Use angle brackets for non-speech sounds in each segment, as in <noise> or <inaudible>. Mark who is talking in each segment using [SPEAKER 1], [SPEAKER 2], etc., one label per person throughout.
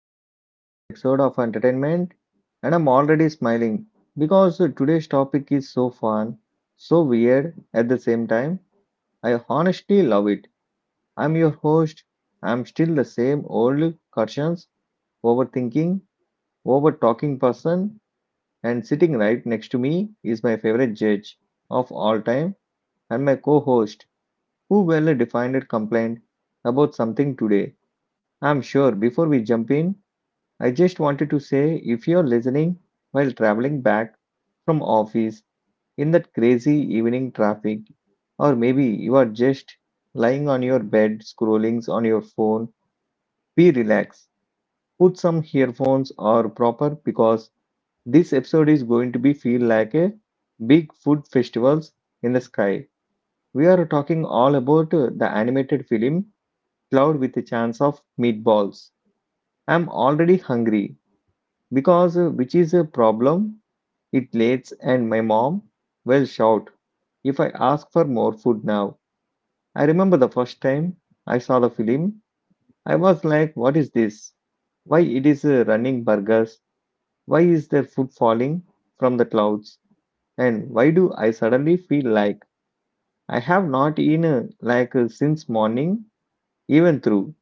[SPEAKER 1] our podcast episode of entertainment. And I'm already smiling because today's topic is so fun, so weird at the same time. I honestly love it. I'm your host. I'm still the same old conscience, overthinking, over talking person. And sitting right next to me is my favorite judge of all time and my co host who well defined a complaint about something today. I'm sure before we jump in, I just wanted to say if you're listening while traveling back from office in that crazy evening traffic, or maybe you are just lying on your bed scrolling on your phone, be relaxed. Put some earphones or proper because this episode is going to be feel like a big food festivals in the sky. We are talking all about the animated film Cloud with a chance of meatballs. I'm already hungry because which is a problem. It lates and my mom will shout if I ask for more food now. I remember the first time I saw the film, I was like, what is this? Why it is running burgers? Why is there food falling from the clouds? And why do I suddenly feel like I have not eaten like since morning even through?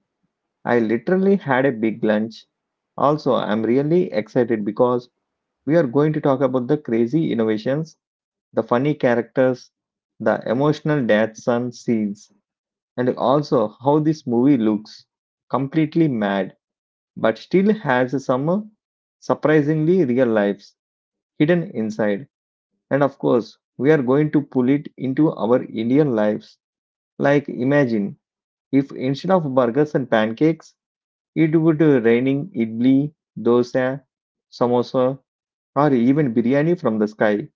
[SPEAKER 1] I literally had a big lunch. Also, I'm really excited because we are going to talk about the crazy innovations, the funny characters, the emotional dad son scenes, and also how this movie looks completely mad but still has some surprisingly real lives hidden inside. And of course, we are going to pull it into our Indian lives. Like, imagine if instead of burgers and pancakes, it would raining idli, dosa, samosa, or even biryani from the sky.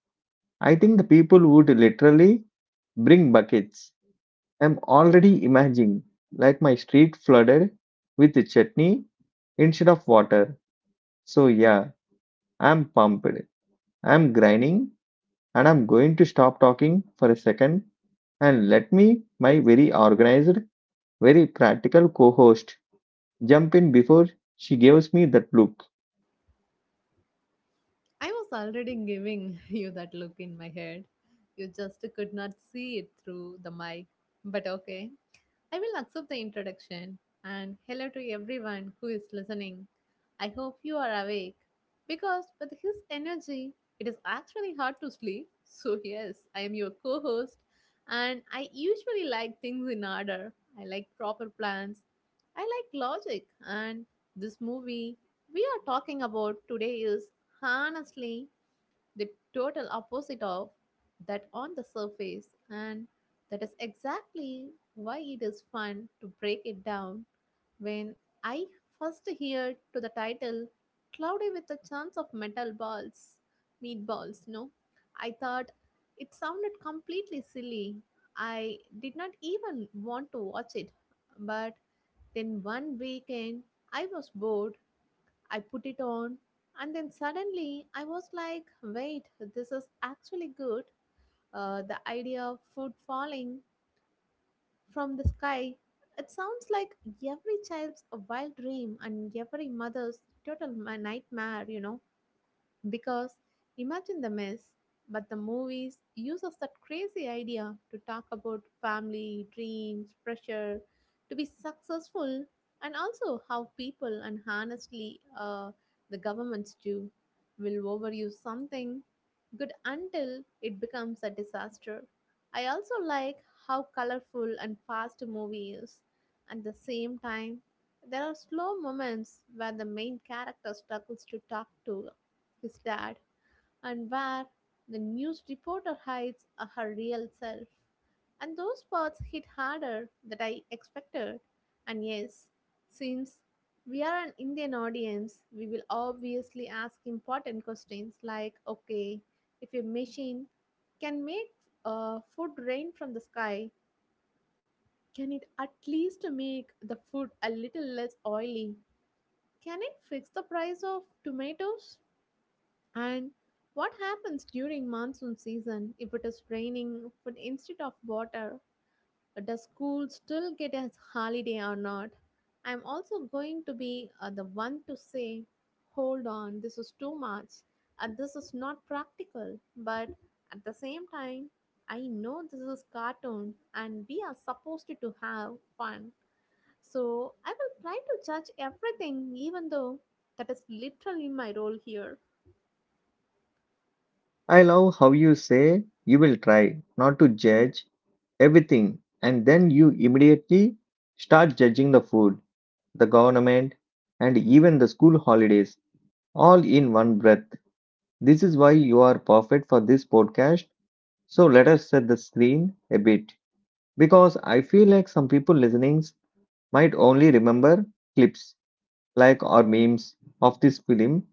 [SPEAKER 1] I think the people would literally bring buckets. I'm already imagining like my street flooded with the chutney instead of water. So yeah, I'm pumped. I'm grinding and I'm going to stop talking for a second and let me my very organized, very practical co-host jump in before she gives me that look.
[SPEAKER 2] I was already giving <laughs> you that look in my head. You just could not see it through the mic. But okay. I will accept the introduction and hello to everyone who is listening. I hope you are awake because with his energy, it is actually hard to sleep. <laughs> So, yes, I am your co host and I usually like things in order. I like proper plans, I like logic, and this movie we are talking about today is honestly the total opposite of that on the surface, and that is exactly why it is fun to break it down. When I first heard to the title "Cloudy with a Chance of Metal Balls," meatballs, no, I thought it sounded completely silly. I did not even want to watch it, but then one weekend I was bored I put it on, and then suddenly I was like, wait, this is actually good. The idea of food falling from the sky. It sounds like every child's wild dream and every mother's total nightmare, you know. Because imagine the mess, but the movies uses that crazy idea to talk about family, dreams, pressure, to be successful, and also how people and honestly the governments do will overuse something good until it becomes a disaster. I also like how colorful and fast the movie is. At the same time, there are slow moments where the main character struggles to talk to his dad, and where the news reporter hides her real self. And those parts hit harder than I expected. And yes, since we are an Indian audience, we will obviously ask important questions like okay, if a machine can make food rain from the sky, can it at least make the food a little less oily? Can it fix the price of tomatoes? And what happens during monsoon season if it is raining but instead of water? Does school still get a holiday or not? I'm also going to be the one to say, hold on, this is too much, and this is not practical. But at the same time, I know this is cartoon and we are supposed to have fun. So I will try to judge everything, even though that is literally my role here.
[SPEAKER 1] I love how you say you will try not to judge everything and then you immediately start judging the food, the government, and even the school holidays all in one breath. This is why you are perfect for this podcast. So let us set the screen a bit, because I feel like some people listening might only remember clips like or memes of this film,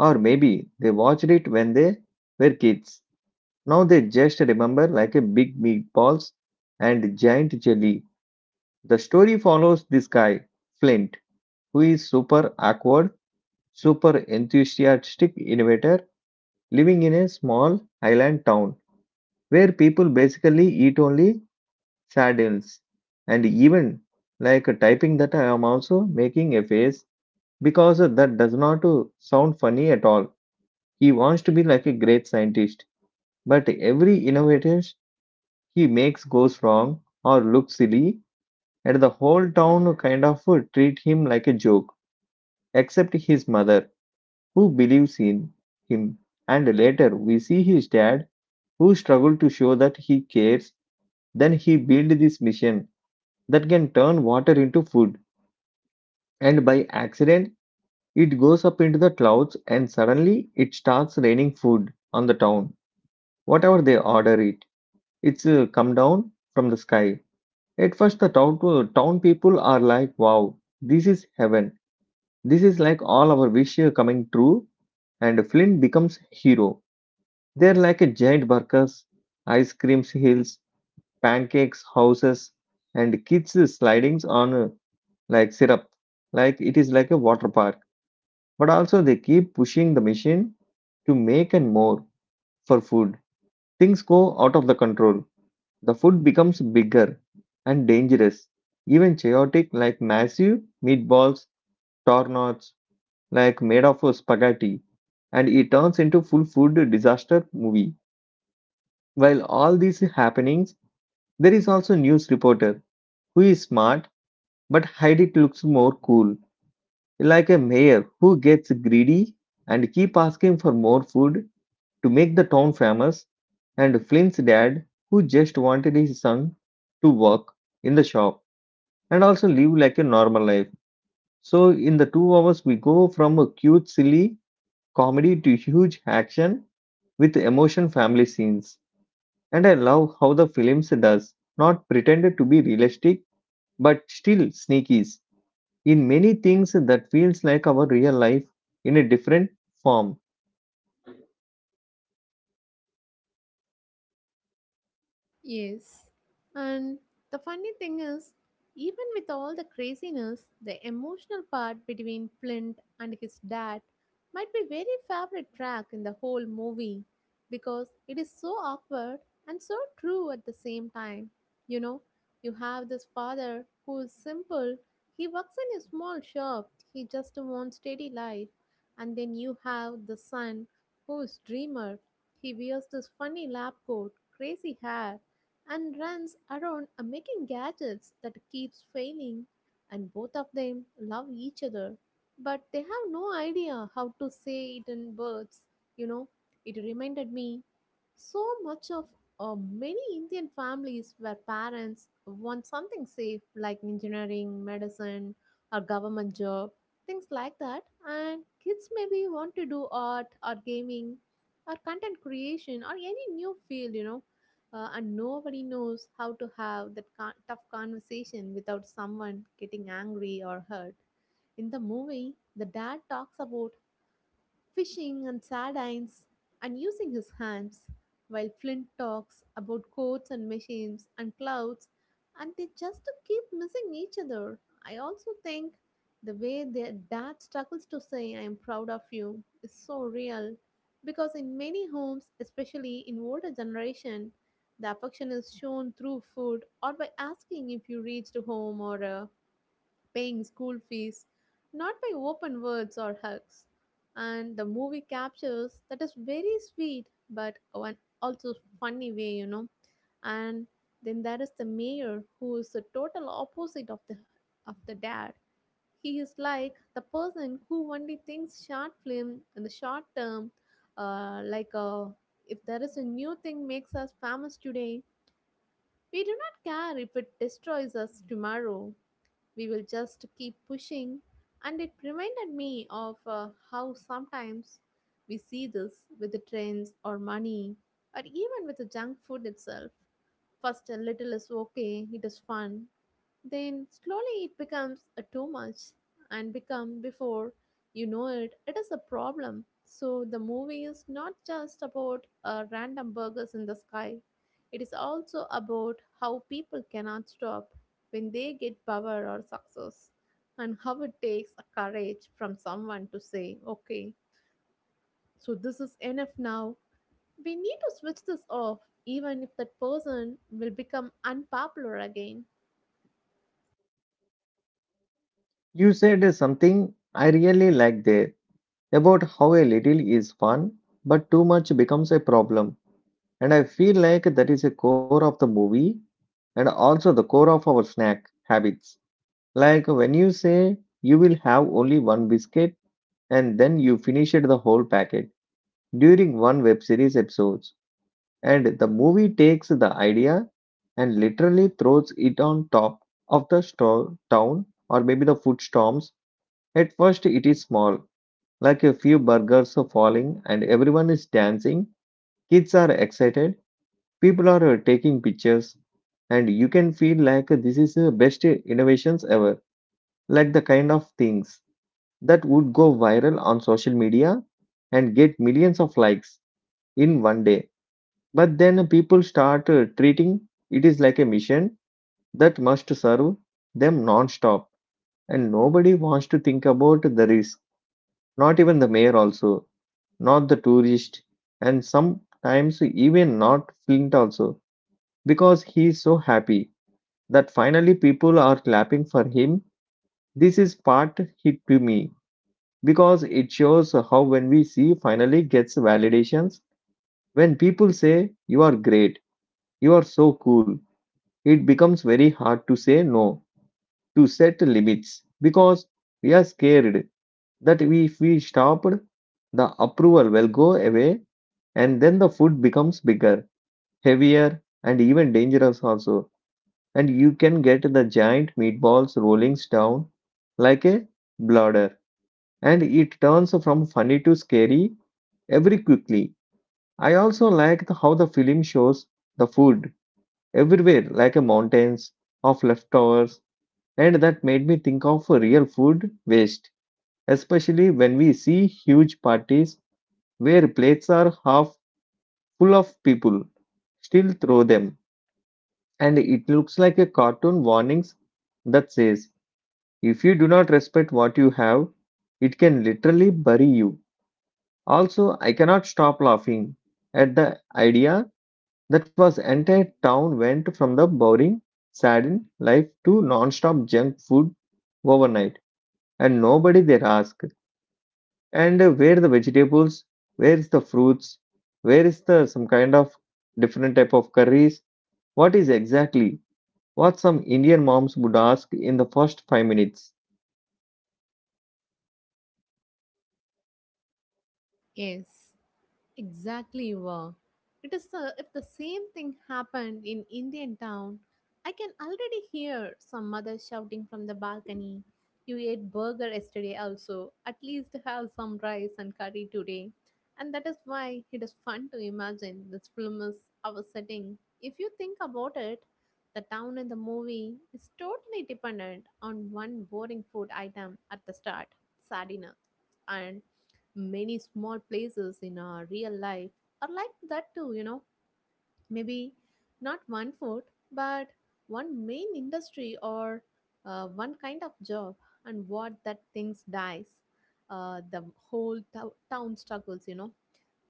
[SPEAKER 1] or maybe they watched it when they were kids. Now they just remember like a big meatballs and giant jelly. The story follows this guy, Flint, who is super awkward, super enthusiastic innovator living in a small island town where people basically eat only sardines. And even like typing that, I am also making a face because that does not sound funny at all. He wants to be like a great scientist, but every innovator he makes goes wrong or looks silly, and the whole town kind of treat him like a joke, except his mother who believes in him, and later we see his dad who struggled to show that he cares. Then he built this mission that can turn water into food, and by accident it goes up into the clouds and suddenly it starts raining food on the town. Whatever they order it, it's come down from the sky. At first, the town people are like, wow, this is heaven. This is like all our wish coming true and Flynn becomes hero. They're like a giant burgers, ice cream hills, pancakes, houses, and kids slidings on like syrup. Like it is like a water park. But also they keep pushing the machine to make and more for food. Things go out of the control. The food becomes bigger and dangerous. Even chaotic, like massive meatballs, tornadoes, like made of spaghetti. And it turns into full food disaster movie. While all these happenings, there is also news reporter who is smart but hide it looks more cool, like a mayor who gets greedy and keep asking for more food to make the town famous, and Flynn's dad who just wanted his son to work in the shop and also live like a normal life. So in the 2 hours we go from a cute silly comedy to huge action with emotion family scenes. And I love how the films does not pretend to be realistic but still sneakies in many things that feels like our real life in a different form.
[SPEAKER 2] Yes. And the funny thing is, even with all the craziness, the emotional part between Flint and his dad might be very favorite track in the whole movie because it is so awkward and so true at the same time. You know, you have this father who is simple, he works in a small shop, he just wants steady life. And then you have the son who is dreamer, he wears this funny lab coat, crazy hair and runs around making gadgets that keeps failing and both of them love each other but they have no idea how to say it in words, you know. It reminded me so much of many indian families where parents want something safe like engineering medicine or government job things like that and kids maybe want to do art or gaming or content creation or any new field, you know. And nobody knows how to have that tough conversation without someone getting angry or hurt. In the movie, the dad talks about fishing and sardines, and using his hands, while Flint talks about coats and machines and clouds, and they just keep missing each other. I also think the way their dad struggles to say, I am proud of you, is so real because in many homes, especially in older generation, the affection is shown through food or by asking if you reached home or paying school fees, not by open words or hugs. And the movie captures that is very sweet, but one also funny way, you know. And then there is the mayor who is the total opposite of the dad. He is like the person who only thinks short film in the short term, like if there is a new thing makes us famous today, we do not care if it destroys us tomorrow. We will just keep pushing. And it reminded me of how sometimes we see this with the trends or money or even with the junk food itself. First, a little is okay, it is fun, then slowly it becomes a too much and become before you know it is a problem. So the movie is not just about random burgers in the sky, it is also about how people cannot stop when they get power or success, and how it takes a courage from someone to say okay, so this is enough now, we need to switch this off, even if that person will become unpopular again.
[SPEAKER 1] You said something I really like there about how a little is fun, but too much becomes a problem. And I feel like that is a core of the movie and also the core of our snack habits. Like when you say you will have only one biscuit and then you finish it the whole packet during one web series episode. And the movie takes the idea and literally throws it on top of the town or maybe the food storms. At first, it is small, like a few burgers are falling and everyone is dancing. Kids are excited, people are taking pictures, and you can feel like this is the best innovations ever, like the kind of things that would go viral on social media and get millions of likes in one day. But then people start treating it is like a mission that must serve them non-stop, and nobody wants to think about the risk. Not even the mayor, also, not the tourist, and sometimes even not Flint also, because he is so happy that finally people are clapping for him. This is part hit to me because it shows how when we see finally gets validations, when people say you are great, you are so cool, it becomes very hard to say no, to set limits, because we are scared that we, if we stopped, the approval will go away. And then the food becomes bigger, heavier, and even dangerous also. And you can get the giant meatballs rolling down like a bladder, and it turns from funny to scary every quickly. I also like how the film shows the food everywhere, like a mountains of leftovers. And that made me think of real food waste, especially when we see huge parties where plates are half full of people still throw them. And it looks like a cartoon warnings that says, if you do not respect what you have, it can literally bury you. Also, I cannot stop laughing at the idea that was entire town went from the boring, saddened life to non-stop junk food overnight, and nobody there asked. And where the vegetables? Where is the fruits? Where is the some kind of different type of curries? What is exactly what some Indian moms would ask in the first 5 minutes?
[SPEAKER 2] Yes. Exactly, you were. It is the, if the same thing happened in Indian town, I can already hear some mother shouting from the balcony, you ate burger yesterday also, at least have some rice and curry today. And that is why it is fun to imagine this film is our setting. If you think about it, the town in the movie is totally dependent on one boring food item at the start, sardina. And many small places in our real life are like that too, you know. Maybe not one food, but one main industry or one kind of job, and what that things dies. The whole town struggles, you know.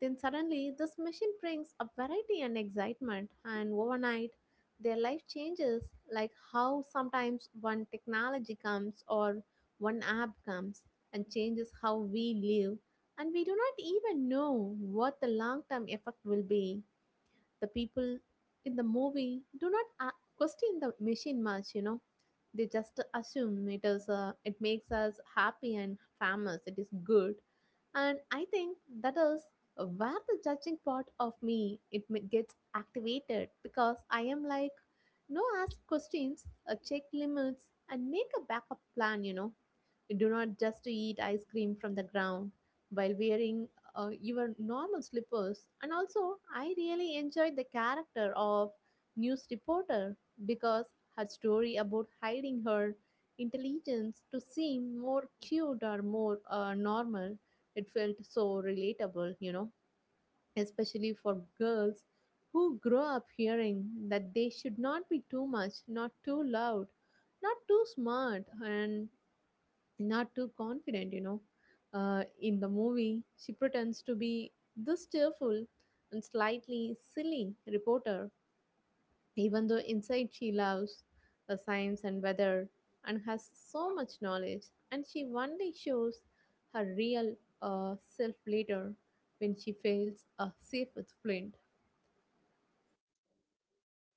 [SPEAKER 2] Then suddenly, this machine brings up variety and excitement, and overnight, their life changes like how sometimes one technology comes or one app comes and changes how we live, and we do not even know what the long term effect will be. The people in the movie do not question the machine much, you know. They just assume it is it makes us happy and famous. It is good, and I think that is where the judging part of me gets activated because I am like, no ask questions, check limits, and make a backup plan. You know, we do not just eat ice cream from the ground while wearing your normal slippers. And also, I really enjoyed the character of news reporter because her story about hiding her intelligence to seem more cute or more normal, it felt so relatable, you know, especially for girls who grow up hearing that they should not be too much, not too loud, not too smart, and not too confident, you know. In the movie, she pretends to be this cheerful and slightly silly reporter, even though inside she loves the science and weather and has so much knowledge. And she one day shows her real self later when she fails a safe with Flint.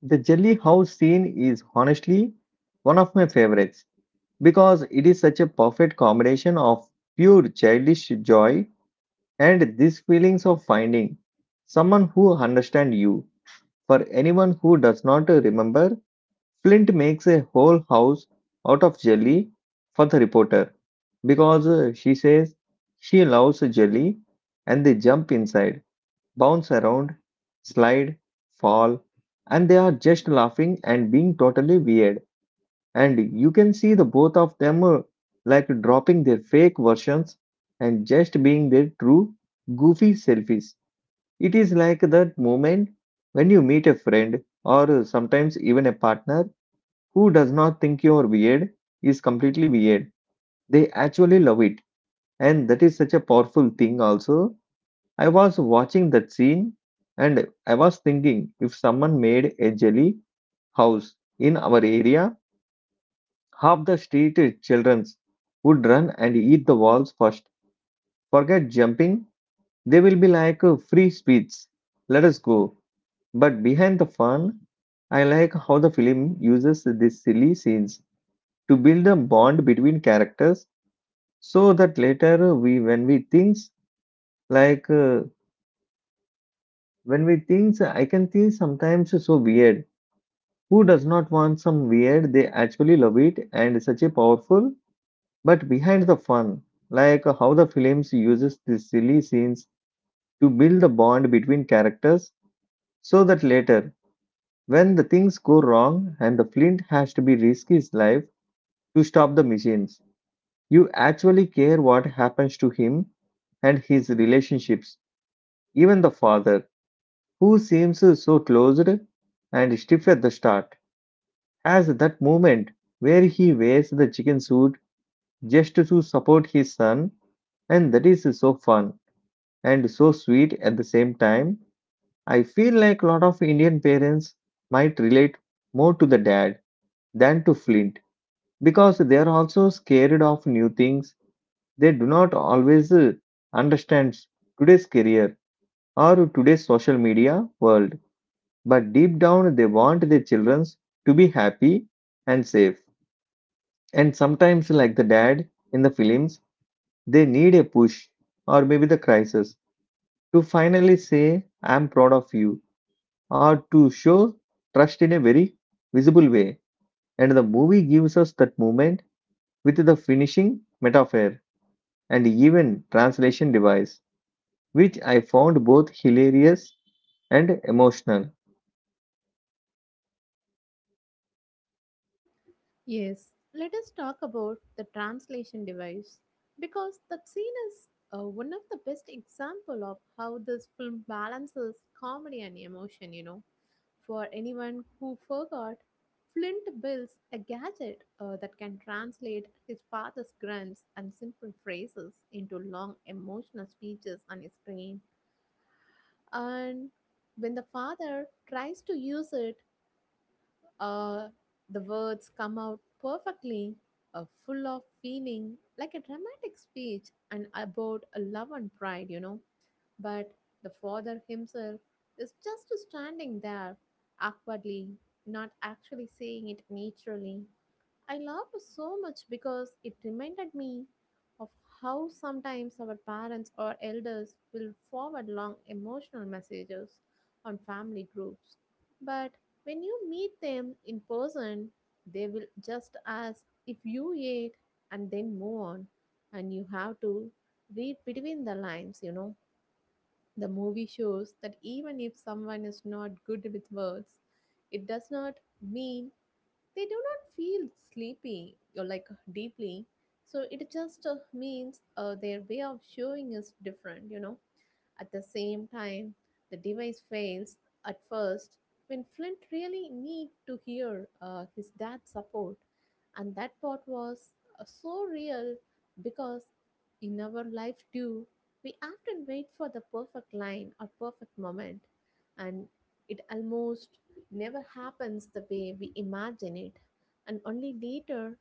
[SPEAKER 1] The jelly house scene is honestly one of my favorites because it is such a perfect combination of pure childish joy and these feelings of finding someone who understands you. For anyone who does not remember, Flint makes a whole house out of jelly for the reporter because she says she loves jelly, and they jump inside, bounce around, slide, fall, and they are just laughing and being totally weird. And you can see the both of them like dropping their fake versions and just being their true goofy selfies. It is like that moment when you meet a friend or sometimes even a partner who does not think you're weird is completely weird. They actually love it. And that is such a powerful thing, also. I was watching that scene and I was thinking, if someone made a jelly house in our area, half the street children's would run and eat the walls first. Forget jumping, they will be like free sweets. Let us go. But behind the fun, I like how the film uses these silly scenes to build a bond between characters so that later we when we thinks like when we thinks, I can think sometimes so weird, who does not want some weird, they actually love it and such a powerful. But behind the fun, like how the films uses these silly scenes to build the bond between characters so that later, when the things go wrong and the flint has to be risk his life to stop the machines, you actually care what happens to him and his relationships. Even the father, who seems so closed and stiff at the start, has that moment where he wears the chicken suit just to support his son, and that is so fun and so sweet at the same time. I feel like a lot of Indian parents might relate more to the dad than to Flint because they are also scared of new things. They do not always understand today's career or today's social media world. But deep down, they want their children to be happy and safe. And sometimes, like the dad in the films, they need a push or maybe the crisis to finally say, I'm proud of you, or to show trust in a very visible way. And the movie gives us that moment with the finishing metaphor and even translation device, which I found both hilarious and emotional.
[SPEAKER 2] Yes, let us talk about the translation device because that scene is one of the best example of how this film balances comedy and emotion, you know. For anyone who forgot, Flint builds a gadget that can translate his father's grunts and simple phrases into long emotional speeches on his screen. And when the father tries to use it, uh, the words come out perfectly, full of feeling, like a dramatic speech and about a love and pride, you know. But the father himself is just standing there, awkwardly, not actually saying it naturally. I laughed so much because it reminded me of how sometimes our parents or elders will forward long emotional messages on family groups. But when you meet them in person, they will just ask if you ate and then move on. And you have to read between the lines, you know. The movie shows that even if someone is not good with words, it does not mean they do not feel sleepy or like deeply, so it just means their way of showing is different, you know. At the same time, the device fails at first when Flint really need to hear his dad's support, and that part was so real because in our life too, we often wait for the perfect line or perfect moment, and it almost never happens the way we imagine it, and only later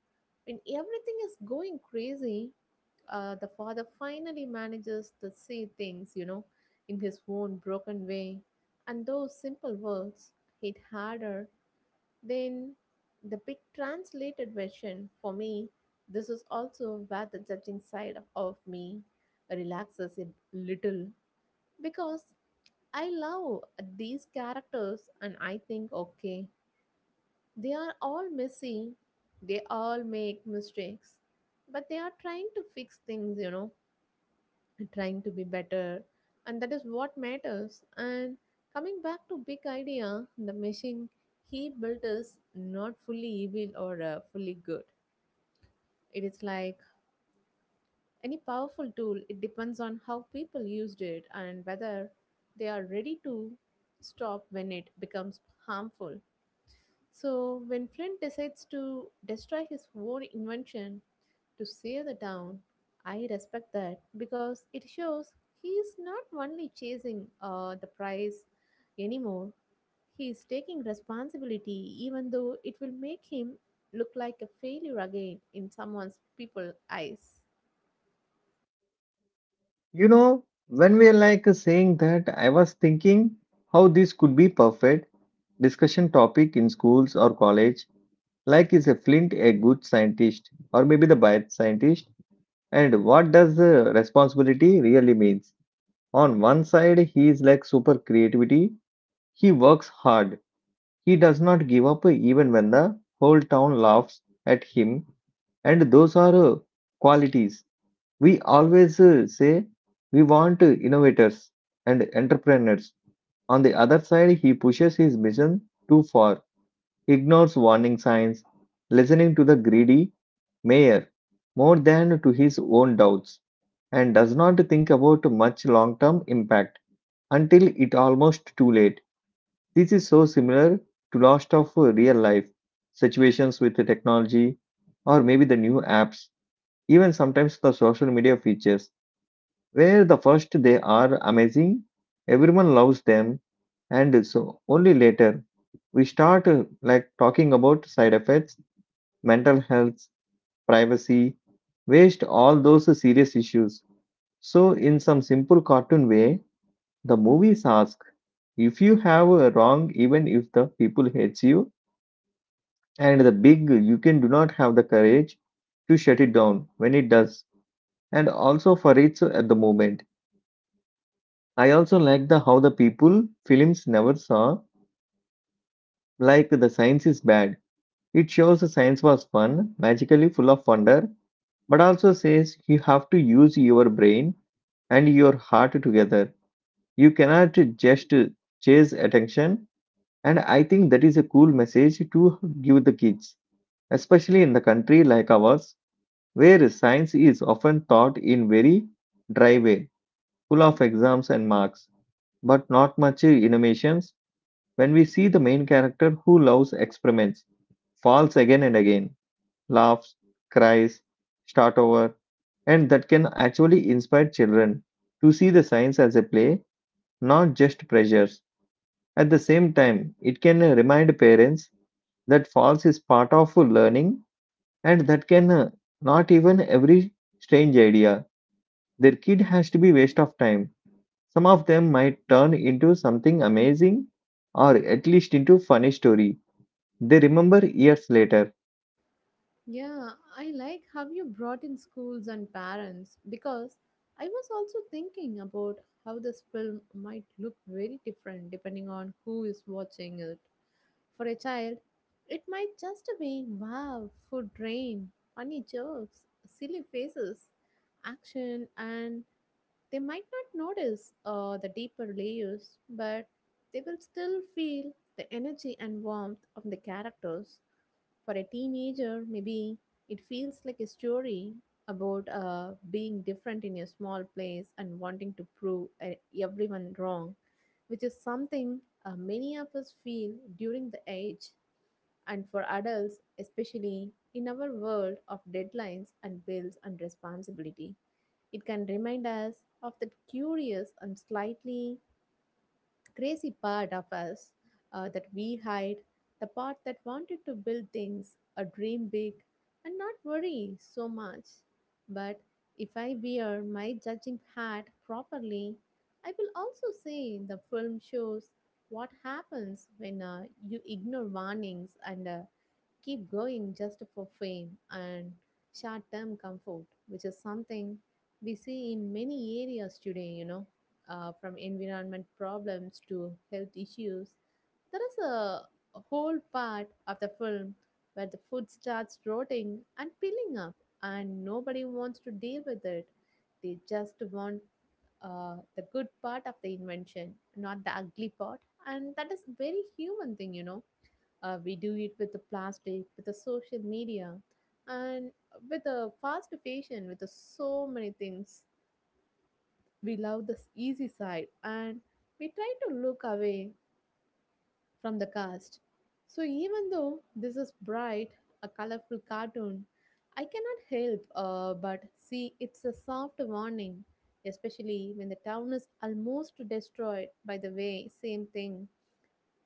[SPEAKER 2] when everything is going crazy, the father finally manages to say things, you know, in his own broken way, and those simple words hit harder than the big translated version. For me, this is also where the judging side of me relaxes a little because I love these characters and I think, okay, they are all messy, they all make mistakes, but they are trying to fix things, trying to be better, and that is what matters. And coming back to big idea, the machine he built is not fully evil or fully good. It is like any powerful tool, it depends on how people used it and whether they are ready to stop when it becomes harmful. So, when Flint decides to destroy his own invention to save the town, I respect that because it shows he is not only chasing the prize anymore, he is taking responsibility, even though it will make him look like a failure again in someone's people's eyes.
[SPEAKER 1] You know, when we are like saying that, I was thinking how this could be perfect discussion topic in schools or college. Like, is a Flint a good scientist or maybe the bad scientist? And what does the responsibility really means? On one side, he is like super creativity. He works hard. He does not give up even when the whole town laughs at him. And those are qualities we always say we want innovators and entrepreneurs. On the other side, he pushes his mission too far, ignores warning signs, listening to the greedy mayor more than to his own doubts, and does not think about much long term impact until it almost too late. This is so similar to lots of real life situations with the technology or maybe the new apps, even sometimes the social media features where the first they are amazing, everyone loves them, and so only later we start like talking about side effects, mental health, privacy, waste, all those serious issues. So in some simple cartoon way, the movies ask if you have a wrong, even if the people hates you, and the big you can do not have the courage to shut it down when it does, and also for it's at the moment I also like the how the people films never saw, like the science is bad. It shows the science was fun, magically full of wonder, but also says you have to use your brain and your heart together. You cannot just chase attention, and I think that is a cool message to give the kids, especially in the country like ours, where science is often taught in very dry way, full of exams and marks, but not much innovations when we see the main character who loves experiments, falls again and again, laughs, cries, start over, and that can actually inspire children to see the science as a play, not just pressures. At the same time, it can remind parents that falls is part of learning and that can not even every strange idea their kid has to be waste of time, some of them might turn into something amazing or at least into funny story they remember years later.
[SPEAKER 2] Yeah, I like how you brought in schools and parents because I was also thinking about how this film might look very different depending on who is watching it. For a child, it might just be wow, food rain, funny jokes, silly faces, action, and they might not notice the deeper layers, but they will still feel the energy and warmth of the characters. For a teenager, maybe it feels like a story about being different in a small place and wanting to prove everyone wrong, which is something many of us feel during the age. And for adults, especially in our world of deadlines and bills and responsibility, it can remind us of that curious and slightly crazy part of us that we hide, the part that wanted to build things, or dream big, and not worry so much. But if I wear my judging hat properly, I will also say the film shows what happens when you ignore warnings and keep growing just for fame and short term comfort, which is something we see in many areas today, you know, from environment problems to health issues. There is a whole part of the film where the food starts rotting and peeling up, and nobody wants to deal with it. They just want the good part of the invention, not the ugly part. And that is very human thing, we do it with the plastic, with the social media, and with the fast fashion, with the so many things. We love this easy side and we try to look away from the cast. So even though this is bright, a colorful cartoon, I cannot help but see it's a soft warning, especially when the town is almost destroyed by the way same thing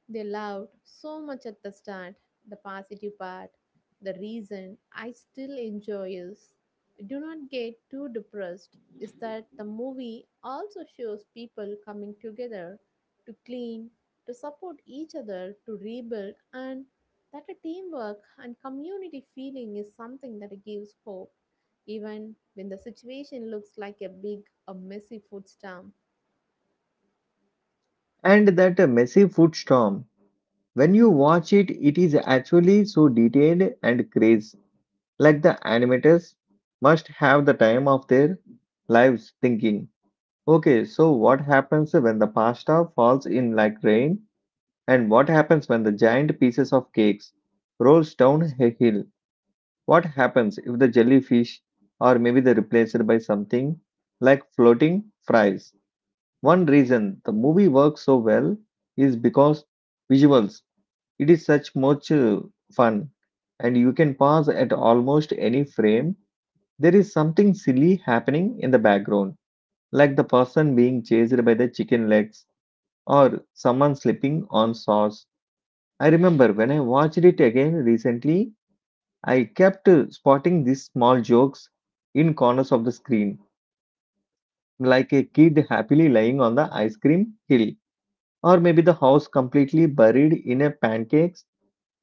[SPEAKER 2] they loved so much at the start, the positive part. The reason I still enjoy is, do not get too depressed, is that the movie also shows people coming together to clean, to support each other, to rebuild, and that a teamwork and community feeling is something that gives hope, even when the situation looks like a big, a messy food storm.
[SPEAKER 1] And that messy food storm, when you watch it, it is actually so detailed and crazy. Like the animators must have the time of their lives thinking, okay, so what happens when the pasta falls in like rain? And what happens when the giant pieces of cakes rolls down a hill? What happens if the jellyfish or maybe they're replaced by something like floating fries? One reason the movie works so well is because visuals. It is such much fun, and you can pause at almost any frame. There is something silly happening in the background, like the person being chased by the chicken legs or someone slipping on sauce. I remember when I watched it again recently, I kept spotting these small jokes in corners of the screen, like a kid happily lying on the ice cream hill or maybe the house completely buried in a pancakes,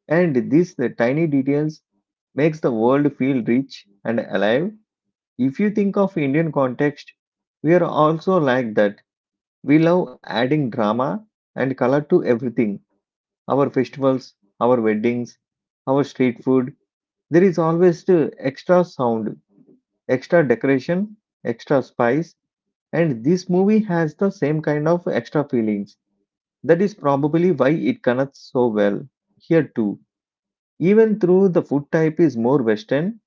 [SPEAKER 1] and these the tiny details makes the world feel rich and alive. If you think of Indian context, we are also like that. We love adding drama and color to everything, our festivals, our weddings, our street food. There is always the extra sound, extra decoration, extra spice, and this movie has the same kind of extra feelings. That is probably why it connects so well here too. Even though the food type is more Western,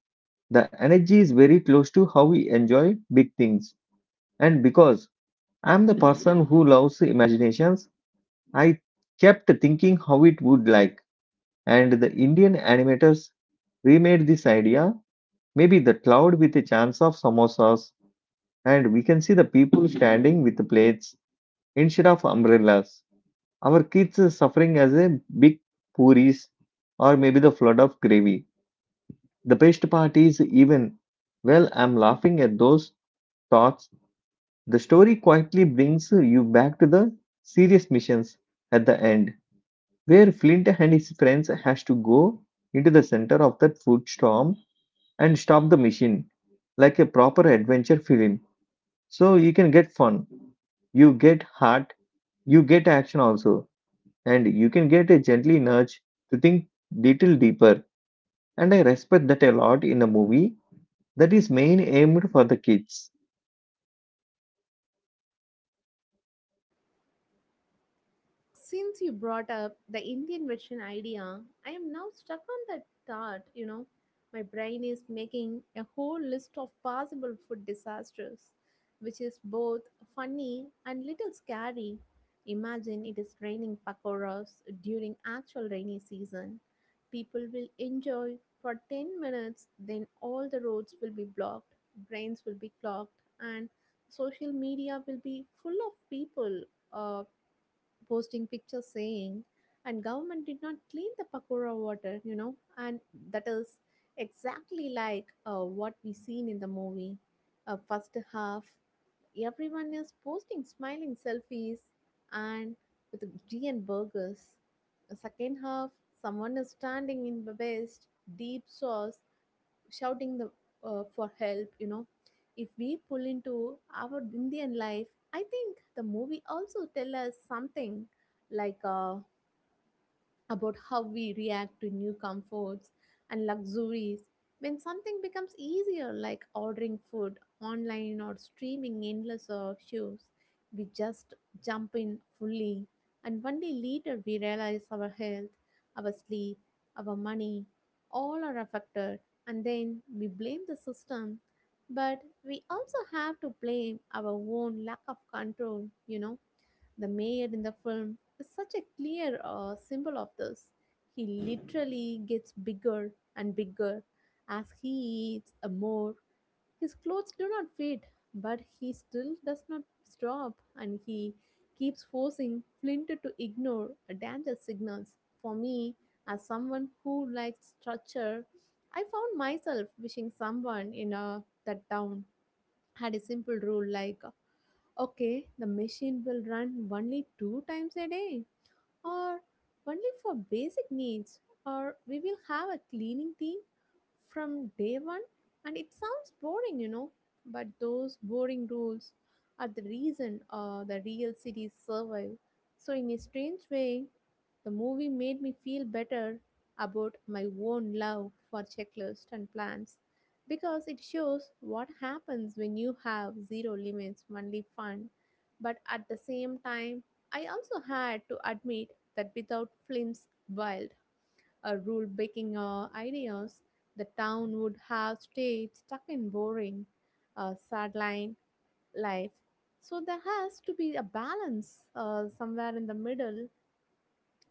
[SPEAKER 1] the energy is very close to how we enjoy big things. And because I'm the person who loves imaginations, I kept thinking how it would like. And the Indian animators remade this idea, maybe the cloud with a chance of samosas, and we can see the people standing with plates instead of umbrellas. Our kids are suffering as a big puris or maybe the flood of gravy. The best part is even, well, I'm laughing at those thoughts. The story quietly brings you back to the serious missions at the end, where Flint and his friends has to go into the center of that food storm and stop the machine, like a proper adventure film. So you can get fun, you get heart, you get action also, and you can get a gently nudge to think little deeper. And I respect that a lot in a movie that is main aimed for the kids.
[SPEAKER 2] Since you brought up the Indian version idea, I am now stuck on that thought. You know, my brain is making a whole list of possible food disasters, which is both funny and little scary. Imagine it is raining pakoras during actual rainy season. People will enjoy for 10 minutes, then all the roads will be blocked, brains will be clogged, and social media will be full of people uh, posting pictures saying, and government did not clean the pakora water, you know, and that is exactly like what we seen in the movie. First half, everyone is posting smiling selfies and with tea and burgers. The second half, someone is standing in the waist, deep sauce, shouting the for help, you know. If we pull into our indian life, I think the movie also tell us something like about how we react to new comforts and luxuries. When something becomes easier like ordering food online or streaming endless shows, we just jump in fully, and one day later we realize our health, our sleep, our money, all are affected. And then we blame the system, but we also have to blame our own lack of control, you know. The mayor in the film is such a clear symbol of this. He literally gets bigger and bigger as he eats more. His clothes do not fit, but he still does not stop and he keeps forcing Flint to ignore danger signals. For me, as someone who likes structure, I found myself wishing someone in a, that town had a simple rule like, okay, the machine will run only 2 times a day, or only for basic needs, or we will have a cleaning team from day one. And it sounds boring, you know, but those boring rules are the reason the real cities survive. So, in a strange way, the movie made me feel better about my own love for checklists and plans because it shows what happens when you have zero limits, only fun. But at the same time, I also had to admit that without Flint's wild rule breaking ideas, the town would have stayed stuck in boring, sideline life. So there has to be a balance somewhere in the middle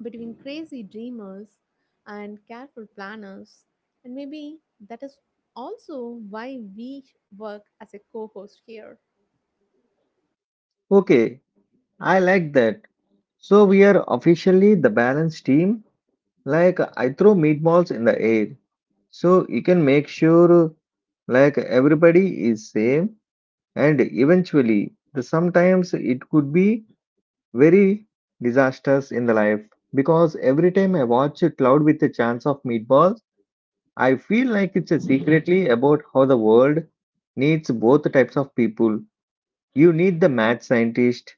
[SPEAKER 2] between crazy dreamers and careful planners. And maybe that is also why we work as a co host here.
[SPEAKER 1] Okay, I like that. So we are officially the balanced team. Like I throw meatballs in the air, so you can make sure like everybody is same. And eventually, the sometimes it could be very disastrous in the life because every time I watch a cloud with a chance of meatballs. I feel like it's a secretly about how the world needs both types of people. You need the mad scientist,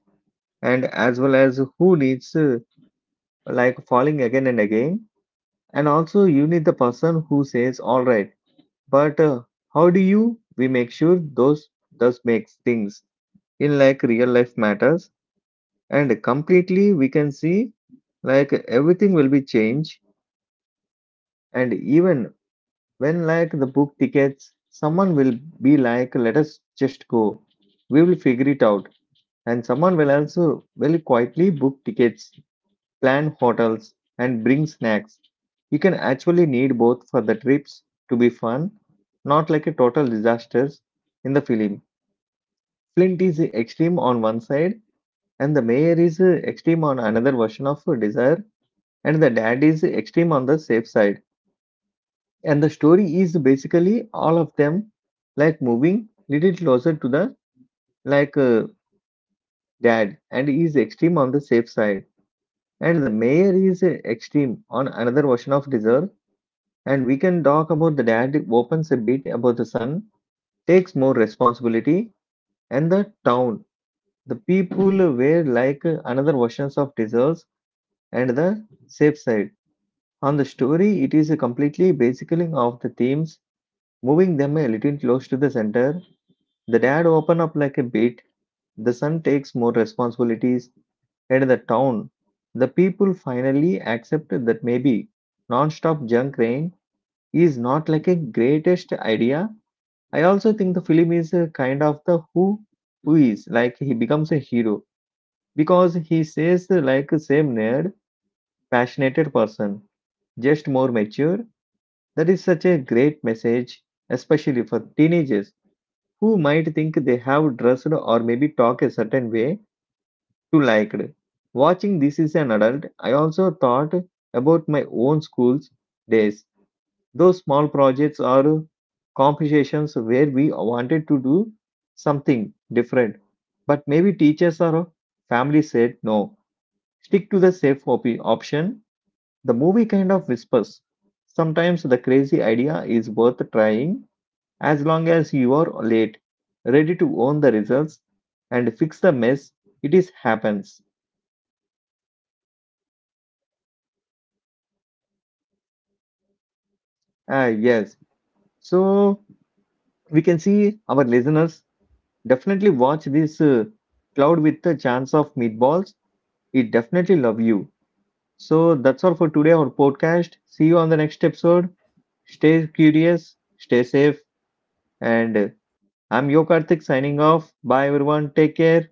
[SPEAKER 1] and as well as who needs like falling again and again. And also, you need the person who says, "All right, but how do you we make sure those makes things in like real life matters?" And completely, we can see like everything will be changed, and even when like the book tickets, someone will be like, let us just go. We will figure it out. And someone will also will quietly book tickets, plan hotels, and bring snacks. You can actually need both for the trips to be fun, not like a total disaster in the film. Flint is extreme on one side, and the mayor is extreme on another version of desire, and the dad is extreme on the safe side. And the story is basically all of them like moving little closer to the like dad, and he is extreme on the safe side. And the mayor is extreme on another version of deserve. And we can talk about the dad opens a bit about the son, takes more responsibility, and the town. The people were like another versions of deserves and the safe side. On the story, it is a completely basically of the themes, moving them a little close to the center. The dad open up like a bit, the son takes more responsibilities, and the town, the people finally accept that maybe non-stop junk rain is not like a greatest idea. I also think the film is a kind of the who is like he becomes a hero because he says like same nerd, passionate person, just more mature. That is such a great message, especially for teenagers who might think they have dressed or maybe talk a certain way to liked. Watching this is an adult, I also thought about my own school's days. Those small projects or conversations where we wanted to do something different, but maybe teachers or family said no. Stick to the safe option. The movie kind of whispers. Sometimes the crazy idea is worth trying as long as you are late, ready to own the results and fix the mess. It is happens. Ah, yes. So we can see our listeners definitely watch this cloud with the chance of meatballs. It definitely love you. So that's all for today, our podcast. See you on the next episode. Stay curious, stay safe, and I'm Yo Karthik signing off. Bye, everyone. Take care.